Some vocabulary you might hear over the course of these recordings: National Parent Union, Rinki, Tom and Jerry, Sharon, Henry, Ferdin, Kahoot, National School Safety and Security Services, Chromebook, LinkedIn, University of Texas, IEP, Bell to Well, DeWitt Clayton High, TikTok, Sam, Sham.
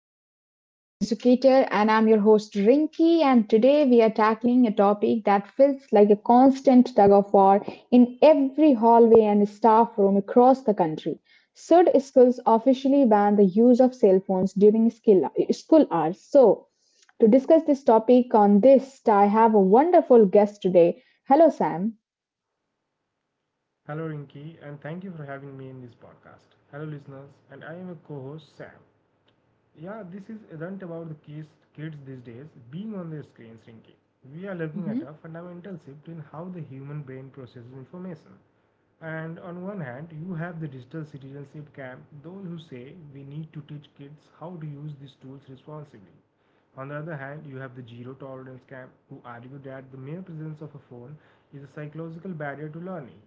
back to the Modern Educator. And I'm your host, Rinki. And today we are tackling a topic that feels like a constant tug of war in every hallway and staff room across the country. Should schools officially ban the use of cell phones during school hours? So, to discuss this topic on this, I have a wonderful guest today. Hello, Sam. Hello, Rinki, and thank you for having me in this podcast. Hello, listeners, and I am a co host, Sam. Yeah, this is isn't about the kids these days being on their screens, Rinki. We are looking at a fundamental shift in how the human brain processes information. And on one hand, you have the digital citizenship camp, those who say we need to teach kids how to use these tools responsibly. On the other hand, you have the zero tolerance camp, who argue that the mere presence of a phone is a psychological barrier to learning.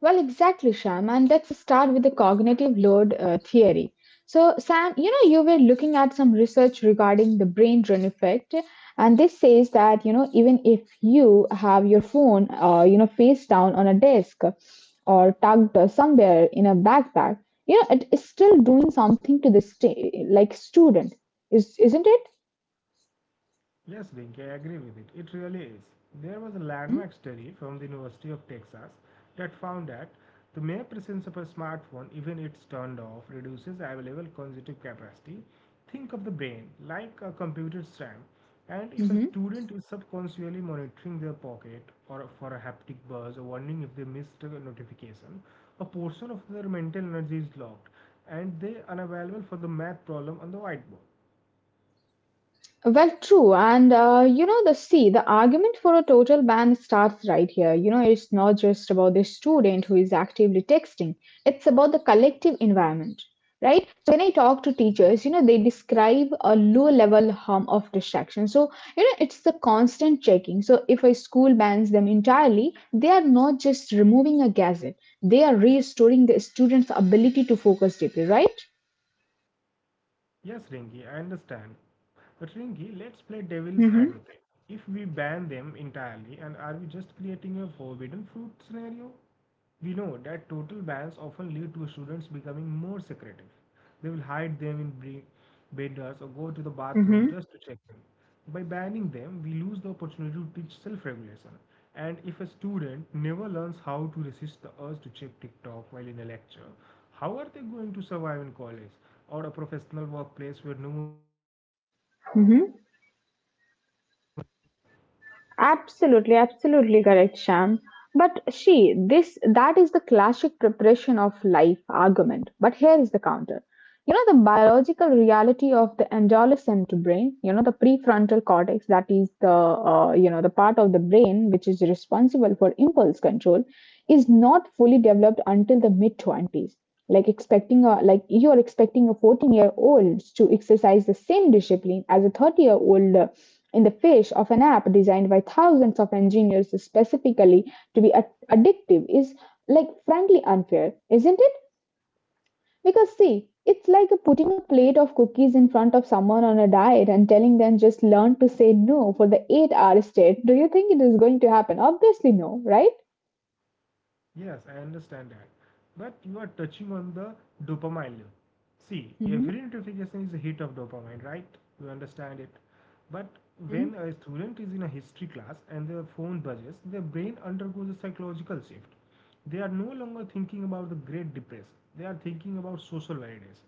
Well, exactly, Sham. And let's start with the cognitive load theory. So, Sam, you know, you were looking at some research regarding the brain drain effect, and this says that, you know, even if you have your phone, you know, face down on a desk or tucked somewhere in a backpack, you know, it is still doing something to the like student, is isn't it? Yes, Rinke, I agree with it. It really is. There was a landmark study from the University of Texas that found that the mere presence of a smartphone, even if it's turned off, reduces available cognitive capacity. Think of the brain like a computer RAM, and if a Mm-hmm. student is subconsciously monitoring their pocket or for a haptic buzz or wondering if they missed a notification, a portion of their mental energy is locked, and they unavailable for the math problem on the whiteboard. Well, true. And, you know, the see, the argument for a total ban starts right here. You know, it's not just about the student who is actively texting, it's about the collective environment, right? So, when I talk to teachers, you know, they describe a low level harm of distraction. So, you know, it's the constant checking. So, if a school bans them entirely, they are not just removing a gadget, they are restoring the student's ability to focus deeply, right? Yes, Ringy, I understand. But Ringy, let's play devil's Mm-hmm. advocate. If we ban them entirely, and are we just creating a forbidden fruit scenario? We know that total bans often lead to students becoming more secretive. They will hide them in benders, or go to the bathroom Mm-hmm. just to check them. By banning them, we lose the opportunity to teach self regulation. And if a student never learns how to resist the urge to check TikTok while in a lecture, how are they going to survive in college or a professional workplace where no. Absolutely, absolutely correct, Sham. But she, this that is the classic preparation of life argument. But here is the counter. You know, the biological reality of the adolescent brain, you know, the prefrontal cortex, that is the, you know, the part of the brain which is responsible for impulse control, is not fully developed until the mid 20s. Like expecting a, like you're expecting a 14-year-old to exercise the same discipline as a 30-year-old in the face of an app designed by thousands of engineers specifically to be addictive is like frankly unfair, isn't it? Because see, it's like putting a plate of cookies in front of someone on a diet and telling them just learn to say no for the 8-hour state. Do you think it is going to happen? Obviously no, right? Yes, I understand that. But you are touching on the dopamine loop. See, every notification is a hit of dopamine, right? You understand it. But Mm-hmm. when a student is in a history class and their phone buzzes, their brain undergoes a psychological shift. They are no longer thinking about the Great Depression. They are thinking about social ideas.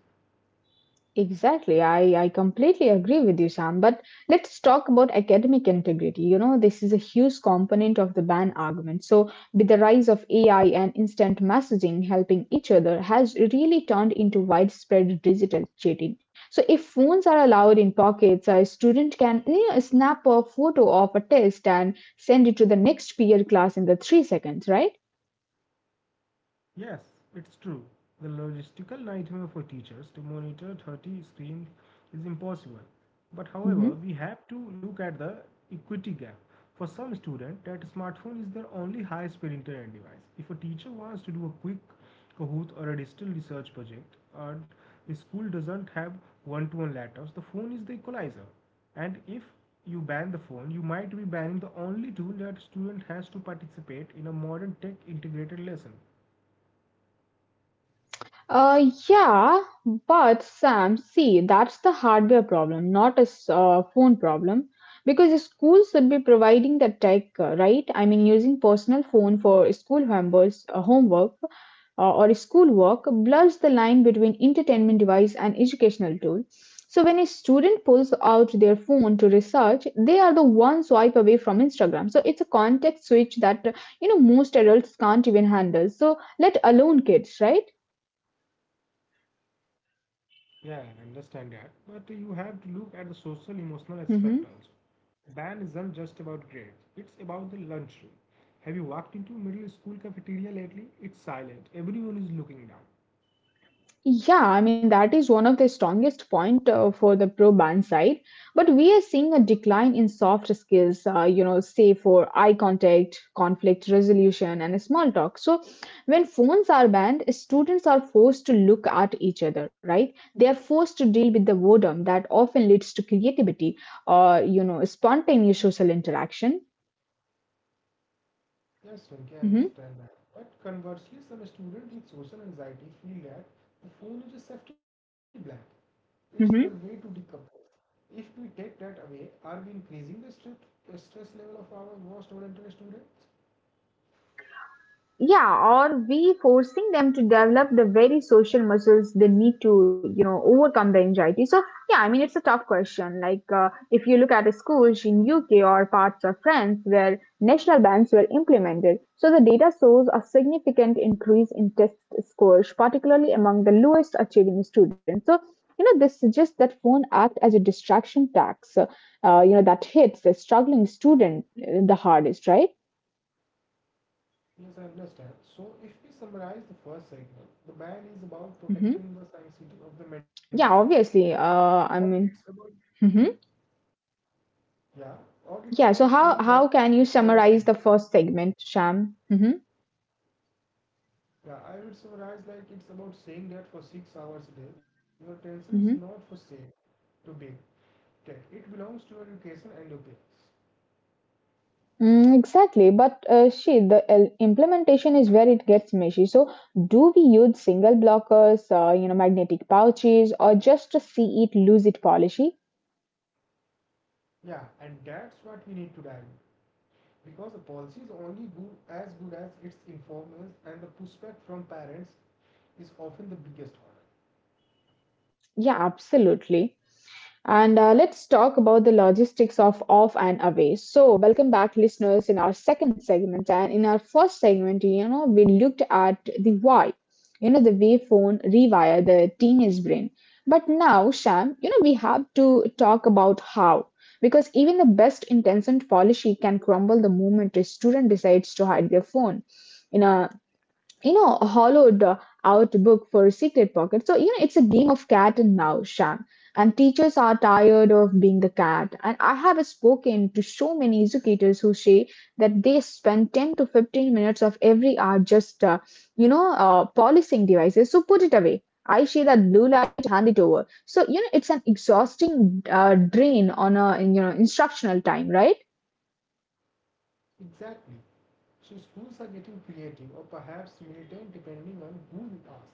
Exactly. I completely agree with you, Sam. But let's talk about academic integrity. You know, this is a huge component of the ban argument. So, with the rise of AI and instant messaging helping each other, has really turned into widespread digital cheating. So, if phones are allowed in pockets, a student can you know, snap a photo of a test and send it to the next peer class in the 3 seconds, right? Yes, it's true. The logistical nightmare for teachers to monitor 30 screens is impossible. But however, Mm-hmm. we have to look at the equity gap. For some students, that smartphone is their only high-speed internet device. If a teacher wants to do a quick Kahoot or a digital research project, and the school doesn't have one-to-one laptops, the phone is the equalizer. And if you ban the phone, you might be banning the only tool that student has to participate in a modern tech integrated lesson. Yeah, but Sam, see, that's the hardware problem, not a phone problem. Because the school should be providing the tech, right? I mean, using personal phone for school members' homework or schoolwork blurs the line between entertainment device and educational tool. So when a student pulls out their phone to research, they are the one swipe away from Instagram. So it's a context switch that you know most adults can't even handle. So let alone kids, right? Yeah, I understand that. But you have to look at the social emotional aspect also. Mm-hmm. Band isn't just about grades, it's about the lunchroom. Have you walked into middle school cafeteria lately? It's silent. Everyone is looking down. Yeah, I mean, that is one of the strongest point for the pro band side. But we are seeing a decline in soft skills, you know, say for eye contact, conflict resolution, and small talk. So when phones are banned, students are forced to look at each other, right? They are forced to deal with the boredom that often leads to creativity or, you know, spontaneous social interaction. Yes, Rinki, I Hmm. understand that. But conversely, some students with social anxiety feel that the phone is a safety blanket. It's their way to decompress. If we take that away, are we increasing the stress level of our most talented students? Yeah, or we forcing them to develop the very social muscles they need to, you know, overcome the anxiety. So yeah, I mean it's a tough question. Like if you look at schools in UK or parts of France where national bans were implemented, so the data shows a significant increase in test scores, particularly among the lowest achieving students. So you know this suggests that phone act as a distraction tax, you know that hits the struggling student the hardest, right? Yes, I understand. So, if we summarize the first segment, the ban is about protecting the sanctity of the Yeah, mental space, obviously. I or mean, it's about hmm, yeah, or it's yeah. So about how saying that how for can you 6 hours a summarize day. the first segment, Sham? Hmm. Yeah, I would summarize like it's about saying that for 6 hours a day, your attention is not Hmm. for sale, to be tech. It belongs to your education and your peers. Mm, exactly. But she, the implementation is where it gets meshy. So do we use single blockers, you know, magnetic pouches, or just a see it, lose it policy? Yeah, and that's what we need to dive in. Because a policy is only good as its informers, and the pushback from parents is often the biggest one. Yeah, absolutely. And let's talk about the logistics of off and away. So, welcome back, listeners, in our second segment. And in our first segment, you know, we looked at the why, you know, the way phone rewire the teenage brain. But now, Sham, you know, we have to talk about how. Because even the best intentioned policy can crumble the moment a student decides to hide their phone. In a you know, hollowed out book for secret pocket. So, you know, it's a game of cat and mouse, Shan. And teachers are tired of being the cat. And I have spoken to so many educators who say that they spend 10 to 15 minutes of every hour just, polishing devices. So put it away. I say that blue light, hand it over. So, you know, it's an exhausting drain on a, you know, instructional time, right? Exactly. So schools are getting creative or perhaps militant depending on who you ask.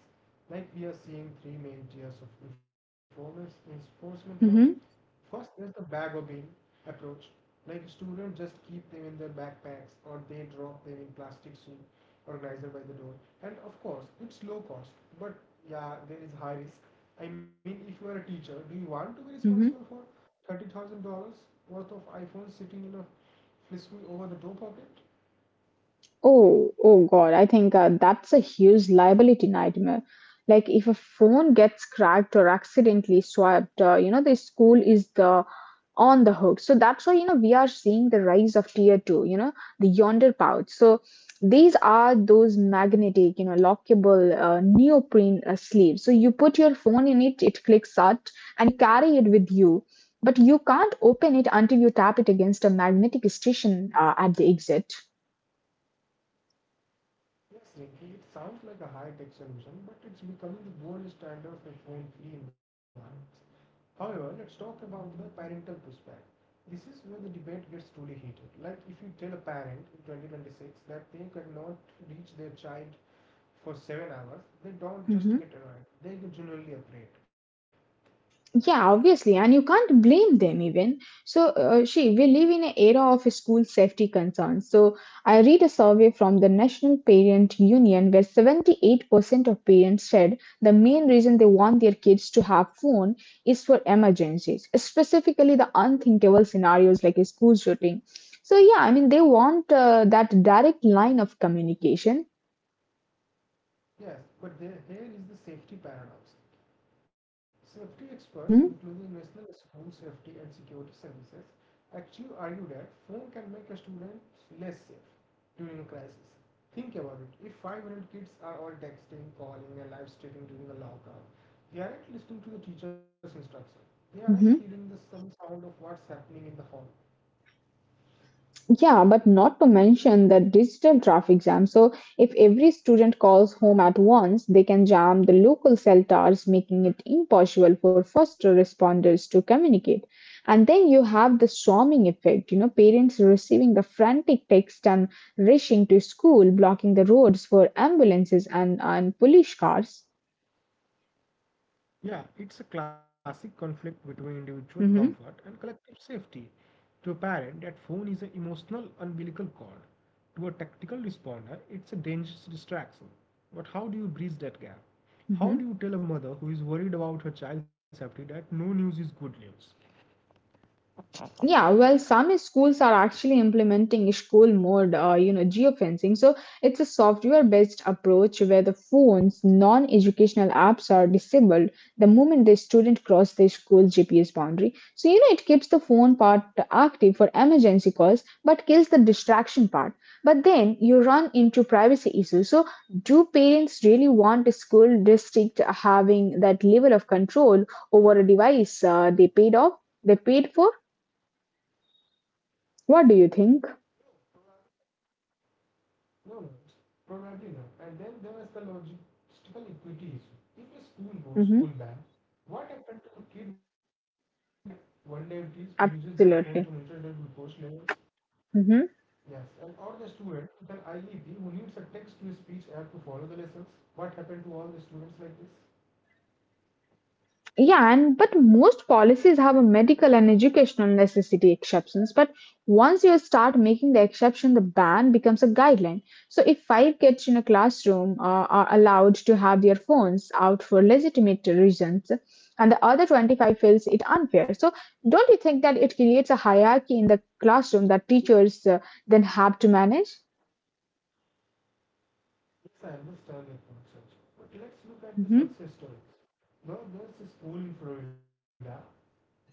Like we are seeing three main tiers of enforcement law. Mm-hmm. First there's the bag or bin approach. Like students just keep them in their backpacks or they drop them in plastic soup organizer by the door. And of course it's low cost, but yeah, there is high risk. I mean if you are a teacher, do you want to be responsible for $30,000 worth of iPhones sitting in a flisme over the door pocket? Oh, oh God, I think that's a huge liability nightmare. Like if a phone gets cracked or accidentally swiped, you know, the school is the on the hook. So that's why, you know, we are seeing the rise of tier two, you know, the yonder pouch. So these are those magnetic, you know, lockable neoprene sleeves. So you put your phone in it, it clicks shut, and you carry it with you. But you can't open it until you tap it against a magnetic station at the exit. Yes, Ricky, it sounds like a high tech solution, but it's becoming the gold standard for phone free environments. However, let's talk about the parental pushback. This is where the debate gets truly heated. Like, if you tell a parent in 2026 that they cannot reach their child for 7 hours, they don't just get annoyed, they get genuinely afraid. Yeah, obviously, and you can't blame them even. So, she, we live in an era of school safety concerns. So, I read a survey from the National Parent Union where 78% of parents said the main reason they want their kids to have phone is for emergencies, specifically the unthinkable scenarios like a school shooting. So, yeah, I mean, they want that direct line of communication. Yes, but there, here is the safety paradox. Safety experts, Hmm. including National School Safety and Security Services, actually argue that phone can make a student less safe during a crisis. Think about it. If 500 kids are all texting, calling, and live streaming during a lockdown, they aren't listening to the teacher's instruction. They aren't hearing the some sound of what's happening in the hall. Yeah, but not to mention the digital traffic jam. So, if every student calls home at once, they can jam the local cell towers, making it impossible for first responders to communicate. And then you have the swarming effect, you know, parents receiving the frantic text and rushing to school, blocking the roads for ambulances and police cars. Yeah, it's a classic conflict between individual Hmm. comfort and collective safety. To a parent, that phone is an emotional umbilical cord. To a tactical responder, it's a dangerous distraction. But how do you bridge that gap? How do you tell a mother who is worried about her child's safety that no news is good news? Yeah, well, some schools are actually implementing school mode, you know, geofencing. So it's a software-based approach where the phone's non-educational apps are disabled the moment the student cross the school GPS boundary. So you know, it keeps the phone part active for emergency calls, but kills the distraction part. But then you run into privacy issues. So do parents really want a school district having that level of control over a device they paid off? They paid for what do you think? No, no, it's probably not. And then there is the logistical equity issue. If a school goes full Hmm. ban, what happened to the kid with type 1 diabetes who uses their phone to monitor their Absolutely. glucose levels? Hmm. Yes, and or the student with an IEP who needs a text to speech app to follow the lessons. What happened to all the students like this? Yeah, and but most policies have a medical and educational necessity exceptions. But once you start making the exception, the ban becomes a guideline. So if five kids in a classroom are allowed to have their phones out for legitimate reasons, and the other 25 feels it unfair, so don't you think that it creates a hierarchy in the classroom that teachers then have to manage? Yes, I understand your concerns, but let's look Hmm. at the success stories. Now, there's a school in Florida,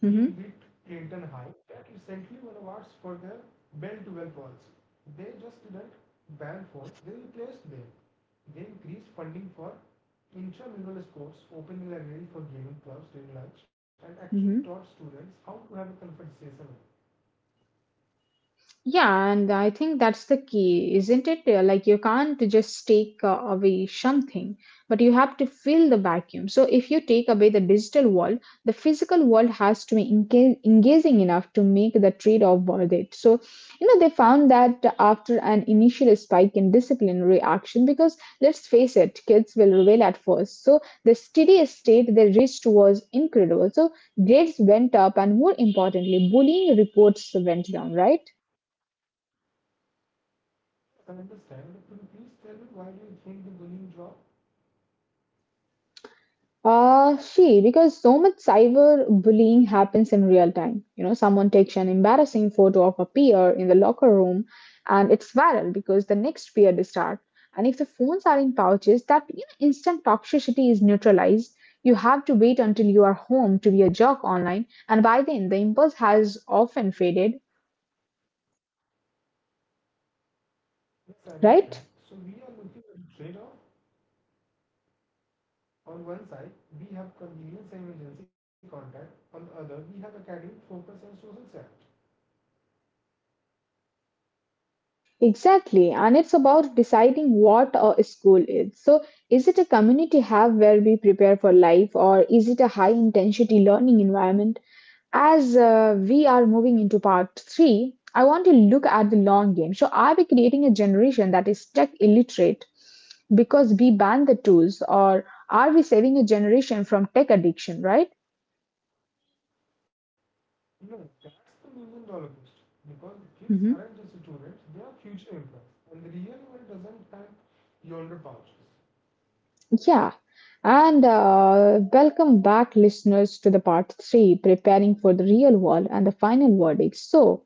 Hmm. DeWitt Clayton High, that recently won awards for their Bell to Well policy. They just didn't ban phones, they replaced them. They increased funding for intramural sports, opened the library for gaming clubs during lunch, and Hmm. actually taught students how to have a conversation. Yeah, and I think that's the key, isn't it? Like you can't just take away something, but you have to fill the vacuum. So if you take away the digital world, the physical world has to be engaging enough to make the trade-off worth it. So, you know, they found that after an initial spike in discipline reaction, because let's face it, kids will rebel at first. So the steady state they reached was incredible. So grades went up, and more importantly, bullying reports went down, right? Yes, I understand, but could you please tell me why do you think the bullying dropped? She, because so much cyber bullying happens in real time. You know, someone takes an embarrassing photo of a peer in the locker room and it's viral because the next peer is start. And if the phones are in pouches, that you know, instant toxicity is neutralized. You have to wait until you are home to be a jerk online. And by then, the impulse has often faded, Yes, I right? understand. So we are looking at a trade-off. On one side, we have convenience and emergency contact. On the other, we have academic focus and social self. Exactly, and it's about deciding what a school is. So, is it a community hub where we prepare for life, or is it a high intensity learning environment? As we are moving into part three, I want to look at the long game. So, are we creating a generation that is tech illiterate because we ban the tools, or are we saving a generation from tech addiction, right? No, that's the million-dollar question. Because kids aren't just students, they are future employees. And the real world doesn't have yonder pouches. Yeah, and welcome back, listeners, to the part three preparing for the real world and the final verdict. So,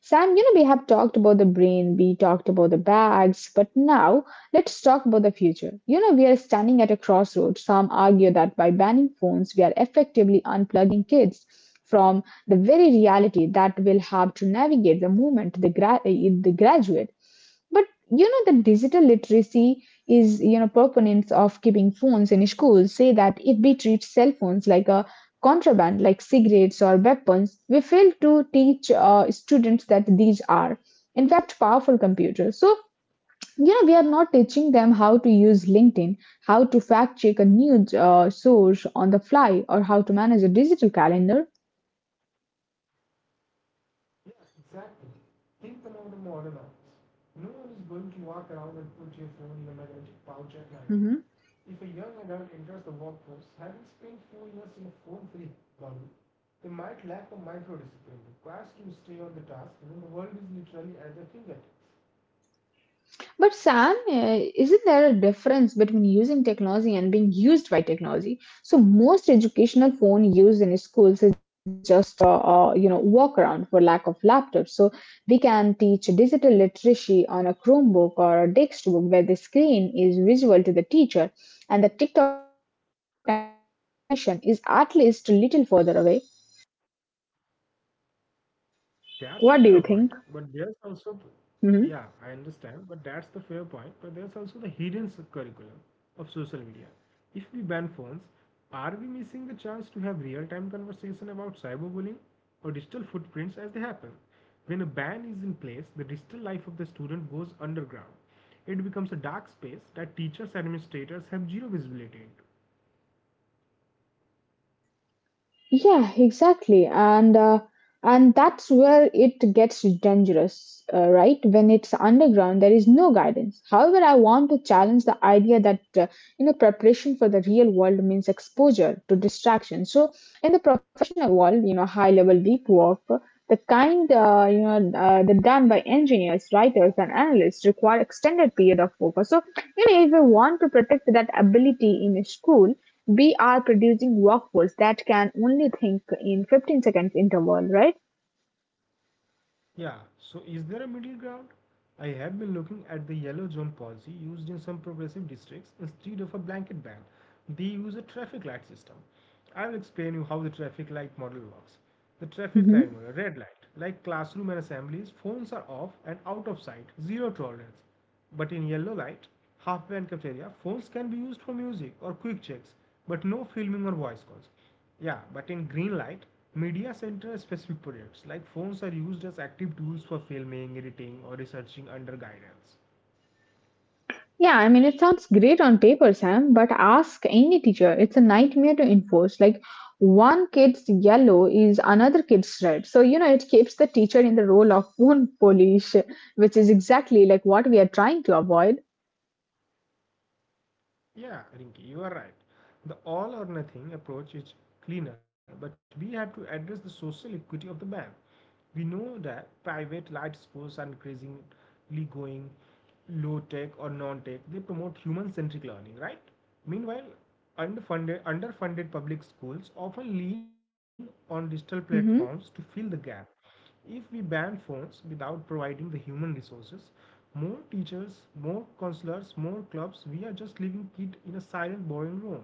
Sam, we have talked about the brain, we talked about the bags, but now let's talk about the future. You know, we are standing at a crossroads. Some argue that by banning phones, we are effectively unplugging kids from the very reality that will have to navigate the moment the graduate. But you know, the digital literacy is you know proponents of keeping phones in schools say that if we treat cell phones like a contraband like cigarettes or weapons we fail to teach students that these are in fact powerful computers so you know we are not teaching them how to use LinkedIn, how to fact check a news source on the fly, or how to manage a digital calendar. Yes, exactly. Think about the modern office. No one is going to walk around and put your phone in a magnetic pouch at night. If a young adult enters the workforce having spent 4 years in a phone free bubble, they might lack the micro discipline required to stay on the task when the world is literally at their fingertips. But Sam, isn't there a difference between using technology and being used by technology? So most educational phone used in schools is just you know workaround for lack of laptops. So we can teach digital literacy on a Chromebook or a textbook where the screen is visual to the teacher, and the TikTok temptation is at least a little further away. That's a What fair do you point, think? but there's also, yeah, Mm-hmm. I understand, but that's the fair point. But there's also the hidden curriculum of social media. If we ban phones, are we missing the chance to have real-time conversation about cyberbullying or digital footprints as they happen? When a ban is in place, the digital life of the student goes underground. It becomes a dark space that teachers administrators have zero visibility into. Yeah, exactly. And that's where it gets dangerous, right? When it's underground, there is no guidance. However, I want to challenge the idea that you know preparation for the real world means exposure to distraction. So, in the professional world, you know, high-level deep work, the kind that done by engineers, writers, and analysts require extended period of focus. So, you know, if we want to protect that ability in school we are producing workforce that can only think in 15 seconds interval, right? Yeah, so is there a middle ground? I have been looking at the yellow zone policy used in some progressive districts instead of a blanket ban. They use a traffic light system. I will explain you how the traffic light model works. The traffic light Hmm. model, red light, like classroom and assemblies, phones are off and out of sight, zero tolerance. But in yellow light, halfway and cafeteria, phones can be used for music or quick checks, but no filming or voice calls. Yeah, but in green light, media center specific projects like phones are used as active tools for filming, editing, or researching under guidance. Yeah, I mean, it sounds great on paper, Sam, but ask any teacher. It's a nightmare to enforce. Like, one kid's yellow is another kid's red. So, you know, it keeps the teacher in the role of spoon polish, which is exactly like what we are trying to avoid. Yeah, Rinki, you are right. The all or nothing approach is cleaner, but we have to address the social equity of the ban. We know that private light sports are increasingly going low tech or non tech. They promote human centric learning, right? Meanwhile, underfunded public schools often lean on digital platforms to fill the gap. If we ban phones without providing the human resources, more teachers, more counselors, more clubs, we are just leaving kid in a silent boring room.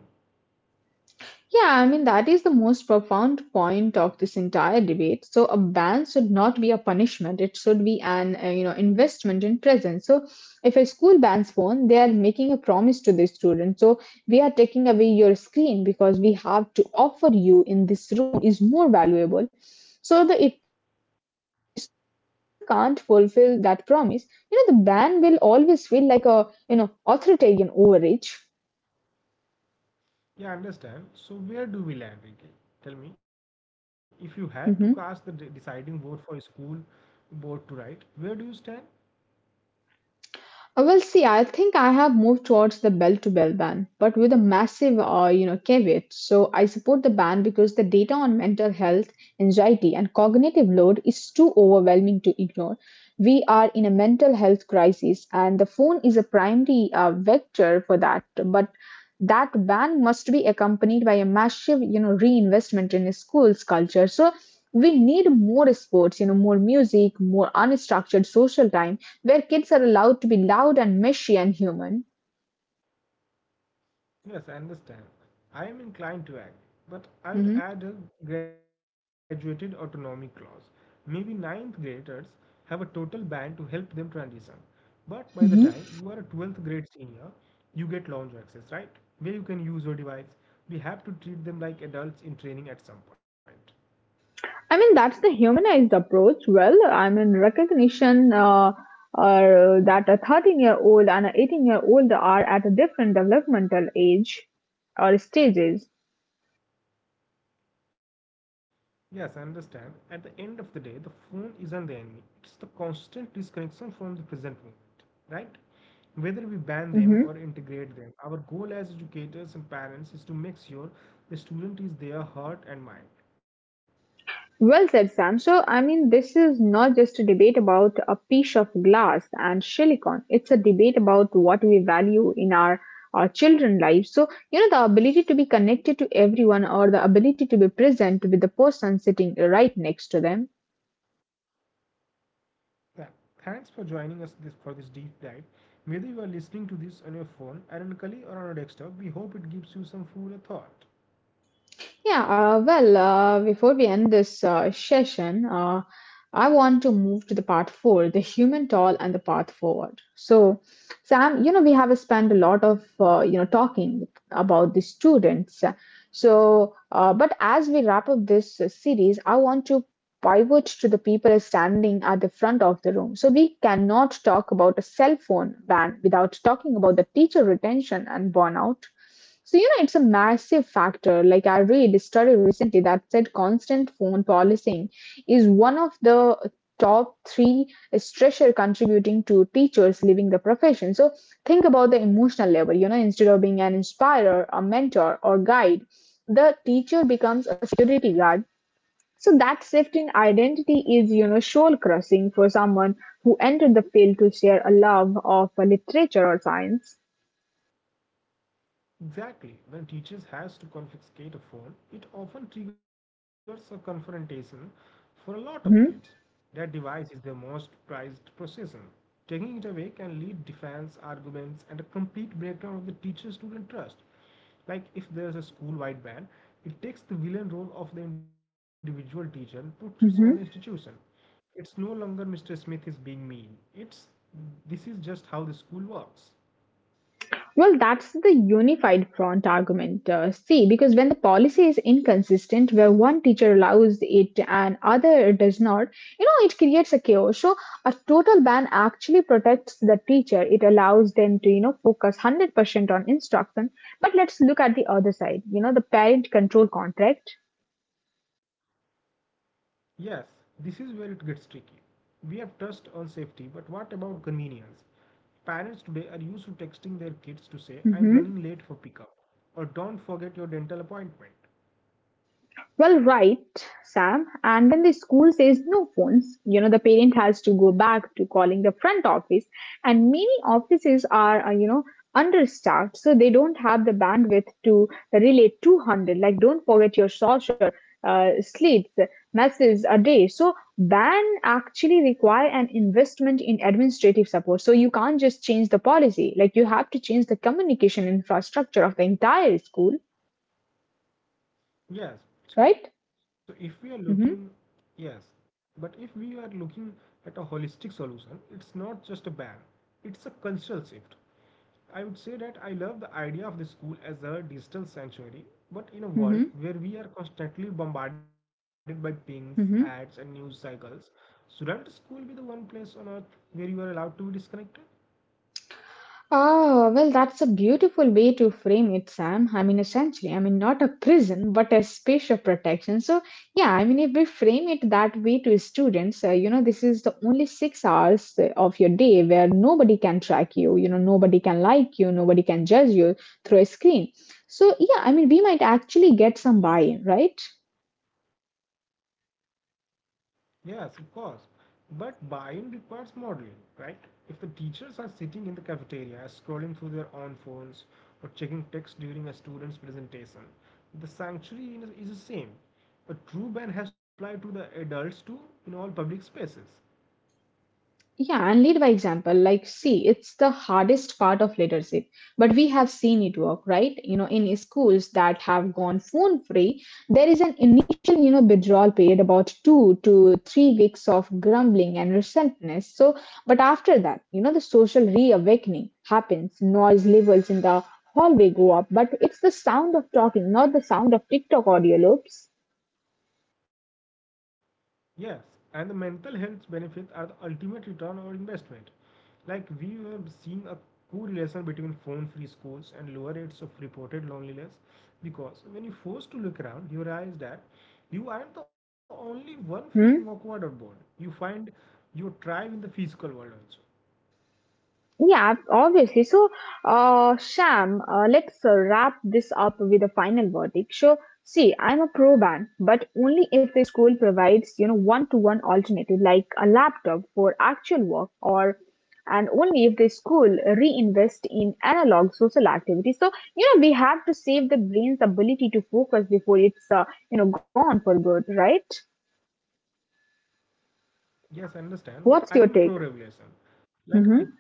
Yeah, I mean, that is the most profound point of this entire debate. So, a ban should not be a punishment. It should be an, you know, investment in presence. So, if a school bans phone, they are making a promise to the student. So, we are taking away your screen because we have to offer you in this room is more valuable. So, the if school can't fulfill that promise, you know, the ban will always feel like a, you know, authoritarian overreach. Yeah, I understand. So where do we land, Ricky? Tell me, if you had to cast the Mm-hmm. deciding vote for a school board to write, where do you stand? Well, see, I think I have moved towards the bell to bell ban, but with a massive, you know, caveat. So I support the ban because the data on mental health, anxiety, and cognitive load is too overwhelming to ignore. We are in a mental health crisis, and the phone is a primary vector for that. But that ban must be accompanied by a massive, you know, reinvestment in schools culture. So we need more sports, you know, more music, more unstructured social time where kids are allowed to be loud and mishy and human. Yes, I understand. I am inclined to act, Mhm. but I would add a graduated autonomy clause. Maybe 9th graders have a total ban to help them transition. But by the Hmm. time you are a 12th grade senior, you get lounge access, right? Where you can use your device. We have to treat them like adults in training at some point. I mean, that's the humanized approach. Well, I mean, recognition that a 13-year-old and an 18-year-old are at a different developmental age or stages. Yes, I understand. At the end of the day, the phone isn't the enemy. It's the constant disconnection from the present moment, right? Whether we ban Mm-hmm. them or integrate them, our goal as educators and parents is to make sure the student is their heart and mind. Well said, Sam. So, I mean, this is not just a debate about a piece of glass and silicon. It's a debate about what we value in our children lives. So, you know, the ability to be connected to everyone or the ability to be present with the person sitting right next to them. Th- Thanks for joining us this for this deep dive. Whether you are listening to this on your phone, ironically, or on a desktop, we hope it gives you some food for thought. Yeah, before we end this session, I want to move to the part four, the human toll and the path forward. So, Sam, you know, we have spent a lot of, you know, talking about the students. So, but as we wrap up this series, I want to pivot to the people standing at the front of the room. So we cannot talk about a cell phone ban without talking about the teacher retention and burnout. So, you know, it's a massive factor. Like, I read a study recently that said constant phone policing is one of the top three stressor contributing to teachers leaving the profession. So, think about the emotional level. You know, instead of being an inspirer, a mentor, or guide, the teacher becomes a security guard so that shift in identity is, you know, soul crushing for someone who entered the field to share a love of literature or science. Exactly. When teachers has to confiscate a phone, it often triggers a confrontation for a lot of Hmm. kids. That device is their most prized possession. Taking it away can lead defense, arguments, and a complete breakdown of the teacher-student trust. Like if there's a school-wide ban, it takes the villain role of the individual teacher and puts it on the Hmm. institution. It's no longer Mr. Smith is being mean. It's this is just how the school works. Well, that's the unified front argument. See, because when the policy is inconsistent, where one teacher allows it and other does not, you know, it creates a chaos. So a total ban actually protects the teacher. It allows them to, you know, focus 100% on instruction. But let's look at the other side, you know, the parent control contract. Yes, this is where it gets tricky. We have touched on safety, but what about convenience? Parents today are used to texting their kids to say, Mm-hmm. I'm running late for pickup, or don't forget your dental appointment. Well, right, Sam. And when the school says no phones, you know, the parent has to go back to calling the front office. And many offices are, you know, understaffed, so they don't have the bandwidth to relay 200. Like, don't forget your social slates messages a day. So, ban actually require an investment in administrative support. So you can't just change the policy. Like, you have to change the communication infrastructure of the entire school, right? Yes, so if we are Mm-hmm. looking, yes, but if we are looking at a holistic solution, it's not just a ban, it's a cultural shift. I would say that I love the idea of the school as a digital sanctuary, but in a Mm-hmm. world where we are constantly bombarded by pings, Mm-hmm. ads, and news cycles, shouldn't school be the one place on earth where you are allowed to be disconnected? Ah, well, that's a beautiful way to frame it, Sam. I mean, essentially, I mean, not a prison, but a space of protection. So, yeah, I mean, if we frame it that way to students, you know, this is the only 6 hours of your day where nobody can track you, you know, nobody can like you, nobody can judge you through a screen. So, yeah, I mean, we might actually get some buy-in, right? Yes, of course. But buying requires modeling, right? If the teachers are sitting in the cafeteria scrolling through their own phones or checking text during a student's presentation, the is the same. A true ban has to apply to the adults too in all public spaces. Yeah, and lead by example. Like, see, it's the hardest part of leadership, but we have seen it work, right? You know, in schools that have gone phone free, there is an initial, you know, withdrawal period about 2 to 3 weeks of grumbling and resentment. But after that, you know, the social reawakening happens. Noise levels in the hallway go up, but it's the sound of talking, not the sound of TikTok audio loops. Yes, and the mental health benefits are the ultimate return on investment. Like we have seen a correlation between phone-free schools and lower rates of reported loneliness because when you're forced to look around, you realize that you aren't the only one feeling Hmm? awkward or bored. You find your tribe in the physical world also. Yeah, obviously. So, Sham, let's wrap this up with a final verdict. So, see, I'm a pro ban, but only if the school provides, you know, one-to-one alternative like a laptop for actual work, or and only if the school reinvest in analog social activities. So, you know, we have to save the brain's ability to focus before it's, you know, gone for good, right? Yes, I understand, but I'm What's your pro take? regulation. Like Mm-hmm.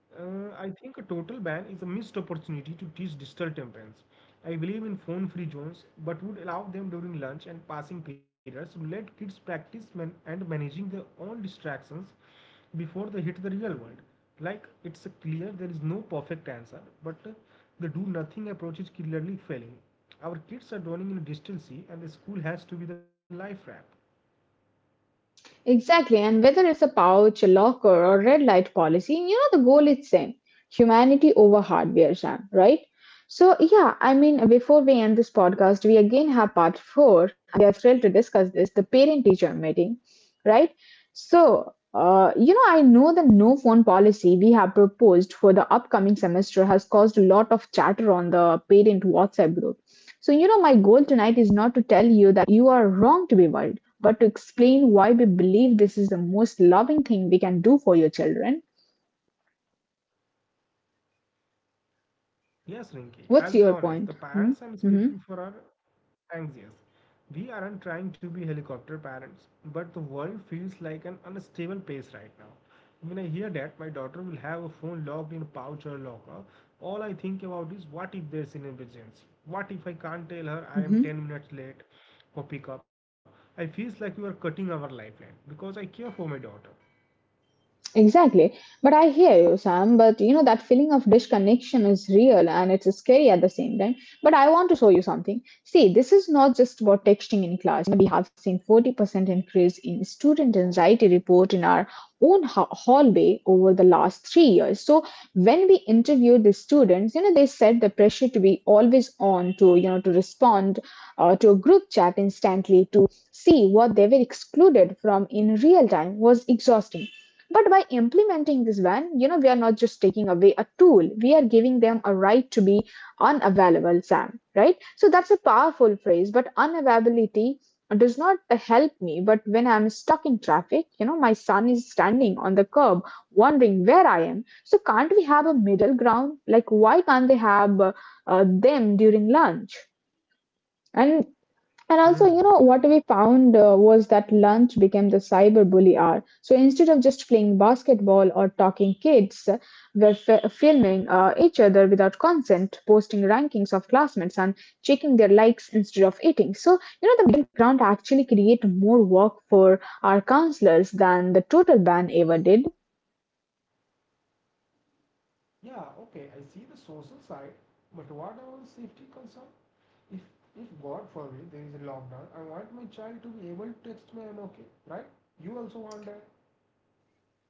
I think a total ban is a missed opportunity to teach digital temperance. I believe in phone-free zones, but would allow them during lunch and passing periods to let kids practice man and managing their own distractions before they hit the real world. Like it's a clear there is no perfect answer, but the do-nothing approach is clearly failing. Our kids are drowning in a digital sea, and the school has to be the life raft. Exactly, and whether it's a pouch, a locker, or red light policy, you know the goal is same: humanity over hardware, Sam. Right? So yeah, I mean, before we end this podcast, we again have part four. We are thrilled to discuss this: the parent-teacher meeting, right? So you know, I know the no phone policy we have proposed for the upcoming semester has caused a lot of chatter on the parent WhatsApp group. So you know, my goal tonight is not to tell you that you are wrong to be worried but to explain why we believe this is the most loving thing we can do for your children, Yes, Rinki, I'll be what's your honest. The point? parents Hmm? I'm speaking Mm-hmm. for are anxious. We aren't trying to be helicopter parents, but the world feels like an unstable place right now. When I hear that my daughter will have a phone locked in a pouch or a locker, all I think about is what if there's an emergency? What if I can't tell her I Mm-hmm. am 10 minutes late for pickup? I feel like we are cutting our lifeline because I care for my daughter. Exactly. But I hear you, Sam. But you know, that feeling of disconnection is real and it's scary at the same time. But I want to show you something. See, this is not just about texting in class. We have seen 40% increase in student anxiety report in our own hallway over the last 3 years. So when we interviewed the students, you know, they said the pressure to be always on to, you know, to respond to a group chat instantly, to see what they were excluded from in real time was exhausting but by implementing this ban, you know, we are not just taking away a tool, we are giving them a right to be unavailable, Sam, right? So that's a powerful phrase, but unavailability does not help me. But when I'm stuck in traffic, you know, my son is standing on the curb wondering where I am. So can't we have a middle ground? Like, why can't they have them during lunch? And Hmm, and also, you know, what we found was that lunch became the cyber bully hour. So instead of just playing basketball or talking kids, were filming each other without consent, posting rankings of classmates, and checking their likes instead of eating. So, the background actually create more work for our counselors than the total ban ever did. yeah, okay, I see the social side, but what about the safety concern? If if God forbid there is a lockdown, I want my child to be able to text me I'm okay, right? You also want that.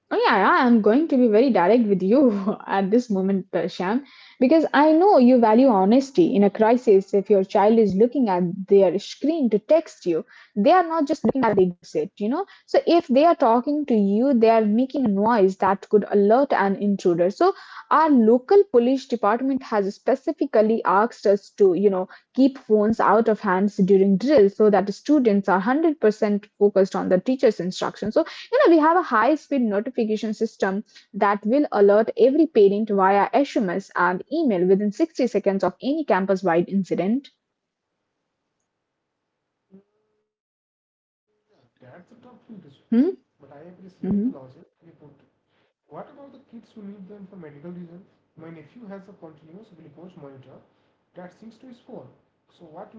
Oh yeah, yeah, I'm going to be very direct with you at this moment, Shyam, because I know you value honesty. In a crisis, if your child is looking at their screen to text you, they are not just looking at the exit, you know. So if they are talking to you, they are making a noise that could alert an intruder. So our local police department has specifically asked us to, you know, keep phones out of hands during drills so that the students are 100% focused on the teacher's instructions. You know, we have a high speed notification system that will alert every parent via SMS and email within 60 seconds of any campus wide incident. Mm, yeah, that's a tough decision. But I Hmm? appreciate the logic you put. Mhm. What about the kids who leave them for medical reasons? My nephew has a continuous glucose monitor that syncs to his phone. So what will he do?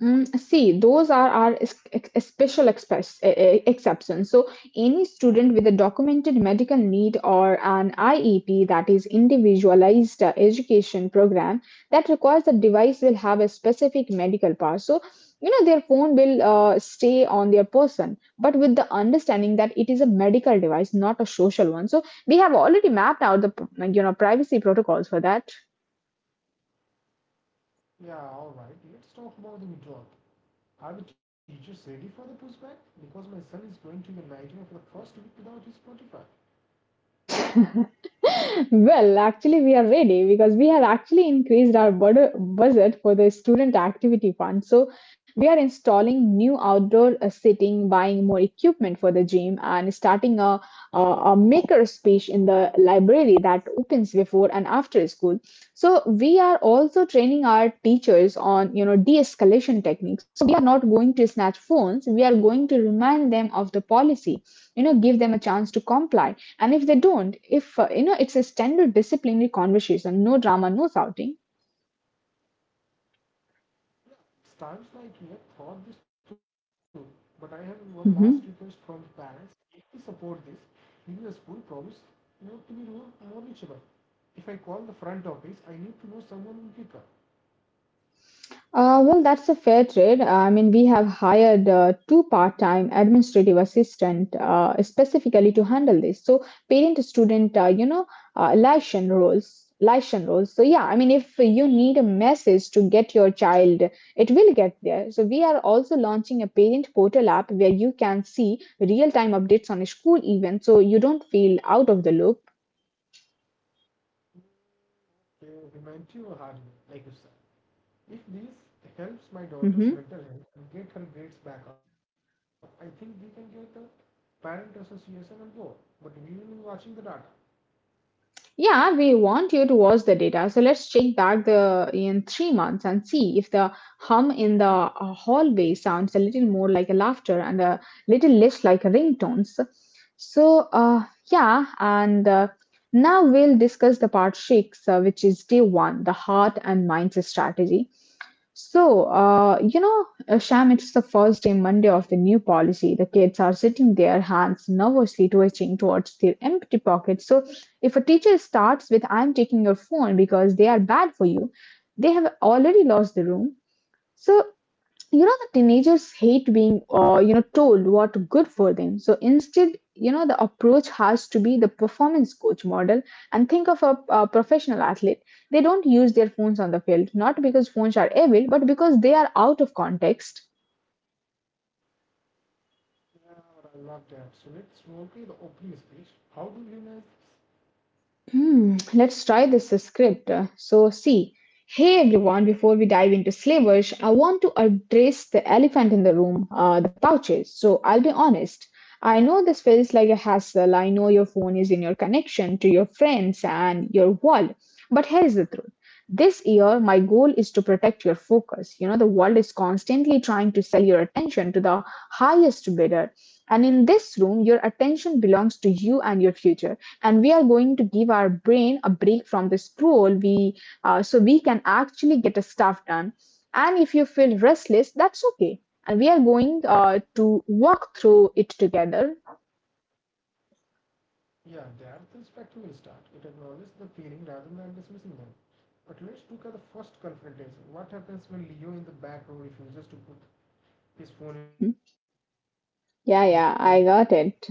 Mm, see, those are our special exceptions. So, any student with a documented medical need or an IEP, that is individualized education program, that requires the device will have a specific medical power. So, you know, their phone will stay on their person, but with the understanding that it is a medical device, not a social one. So, we have already mapped out the, you know, privacy protocols for that. Yeah, alright, let's talk about the withdrawal. Are the teachers ready for the pushback? Because my son is going to Nigeria for the first week without his Spotify. Well, actually, we are ready because we have actually increased our budget for the student activity fund. So, we are installing new outdoor seating, buying more equipment for the gym, and starting a, a maker space in the library that opens before and after school. So, we are also training our teachers on, you know, de-escalation techniques. So, we are not going to snatch phones. We are going to remind them of the policy. You know, give them a chance to comply, and if they don't, if you know, it's a standard disciplinary conversation, no drama, no shouting. It's times like you have thought this through, but I have one last request Hmm. from the parents. If we support this, will your school promise not to be more reachable? If I call the front office, I need to know someone will pick up. Well, that's a fair trade. I mean, we have hired two part-time administrative assistant specifically to handle this. So parent-student, you know, uh, liaison roles, liaison roles. So yeah, I mean, if you need a message to get your child, it will get there. So we are also launching a parent portal app where you can see real-time updates on a school event, so you don't feel out of the loop. Humanity or hard, like you said. If this helps my Hmm. daughter's mental health and get her grades back up, I think we can get the parent association on board. But we will be watching the data. Yeah, we want you to watch the data. So let's check back the in 3 months and see if the hum in the hallway sounds a little more like a laughter and a little less like a ringtones. So yeah, and now we'll discuss the part six, which is day one, the heart and mindset strategy. So, you know, Sham, it's the first day Monday of the new policy. The kids are sitting their hands nervously twitching towards their empty pockets. So, if a teacher starts with, I'm taking your phone because they are bad for you, they have already lost the room. So, you know, the teenagers hate being, you know, told what good for them. So instead, you know, the approach has to be the performance coach model, and think of a professional athlete. They don't use their phones on the field, not because phones are evil, but because they are out of context. Yeah, but I love that. So let's roleplay the opening speech. How do viewers? Hmm, let's try this script. So, see, hey everyone, before we dive into slavers, I want to address the elephant in the room, the pouches. So, I'll be honest. I know this feels like a hassle. I know your phone is in your connection to your friends and your world. But here's the truth, this year, my goal is to protect your focus. You know, the world is constantly trying to sell your attention to the highest bidder. And in this room, your attention belongs to you and your future, and we are going to give our brain a break from this role we, so we can actually get a stuff done, and if you feel restless, that's okay, and we are going to walk through it together. Yeah, that's the spectacle will start. It acknowledges the feeling rather than dismissing them. But let's look at the first confrontation. What happens when Leo in the back row refuses to put his phone in the Mhm. bin? Then what you Yeah, will do? yeah, I got it.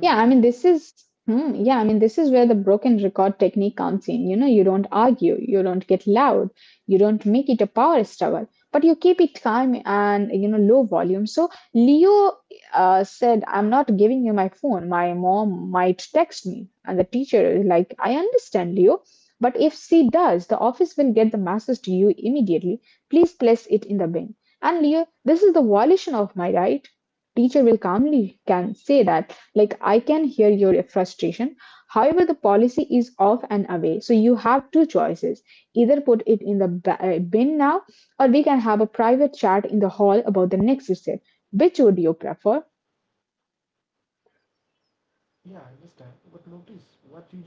Yeah, I mean, this is, hmm, yeah, I mean, this is where the broken record technique comes in. You know, you don't argue, you don't get loud, you don't make it a power struggle, but you keep it calm and, you know, low volume. So Leo said, I'm not giving you my phone. My mom might text me. And the teacher is like, I understand, Leo, but if she does, the office will get the message to you immediately. Please place it in the bin. And Leo, this is the violation of my right. Teacher will calmly can say that, like, I can hear your frustration, however the policy is off and away, so you have two choices, either put it in the bin now, or we can have a private chat in the hall about the next step, which would you prefer. Yeah, I understand. But notice what you did there, Inky.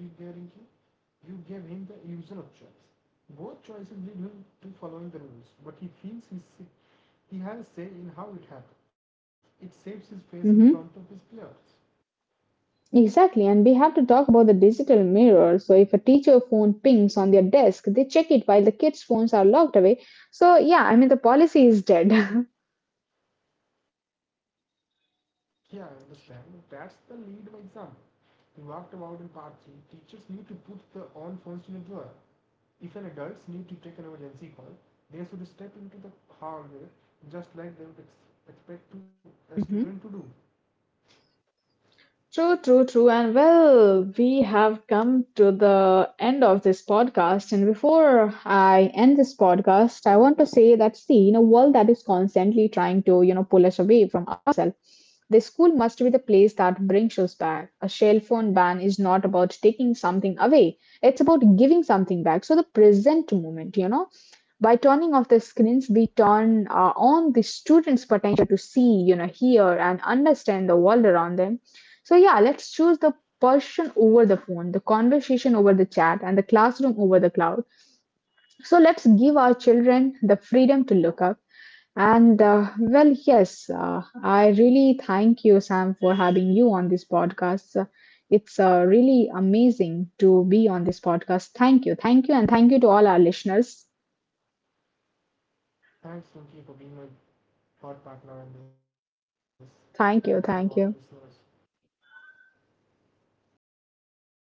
You gave him the illusion of choice. Both choices lead him to following the rules, but he feels he has say in how it happens. It saves his face in front of his Hmm. players. Exactly, and we have to talk about the digital mirror. So, if a teacher phone pings on their desk, they check it while the kids' phones are locked away. So, yeah, I mean, the policy is dead. Yeah, I understand. That's the lead by example. We walked about in part 3. Teachers need to put their own phones in a drawer. If an adults need to take an emergency call, they should step into the hallway just like they would expect to, a student to do. True, true, true. And well, we have come to the end of this podcast. And before I end this podcast, I want to say that, see, in a world that is constantly trying to, you know, pull us away from ourselves, the school must be the place that brings us back. A cell phone ban is not about taking something away, it's about giving something back. So the present moment, you know, by turning off the screens, we turn on the students potential to see, you know, hear and understand the world around them. So yeah, let's choose the person over the phone, the conversation over the chat, and the classroom over the cloud. So let's give our children the freedom to look up. And well, yes, I really thank you, Sam, for having you on this podcast. It's really amazing to be on this podcast. Thank you, thank you, and thank you to all our listeners. Thanks, Rinki, for being my thought partner on this. Thank you to all the Thank you, listeners. thank you.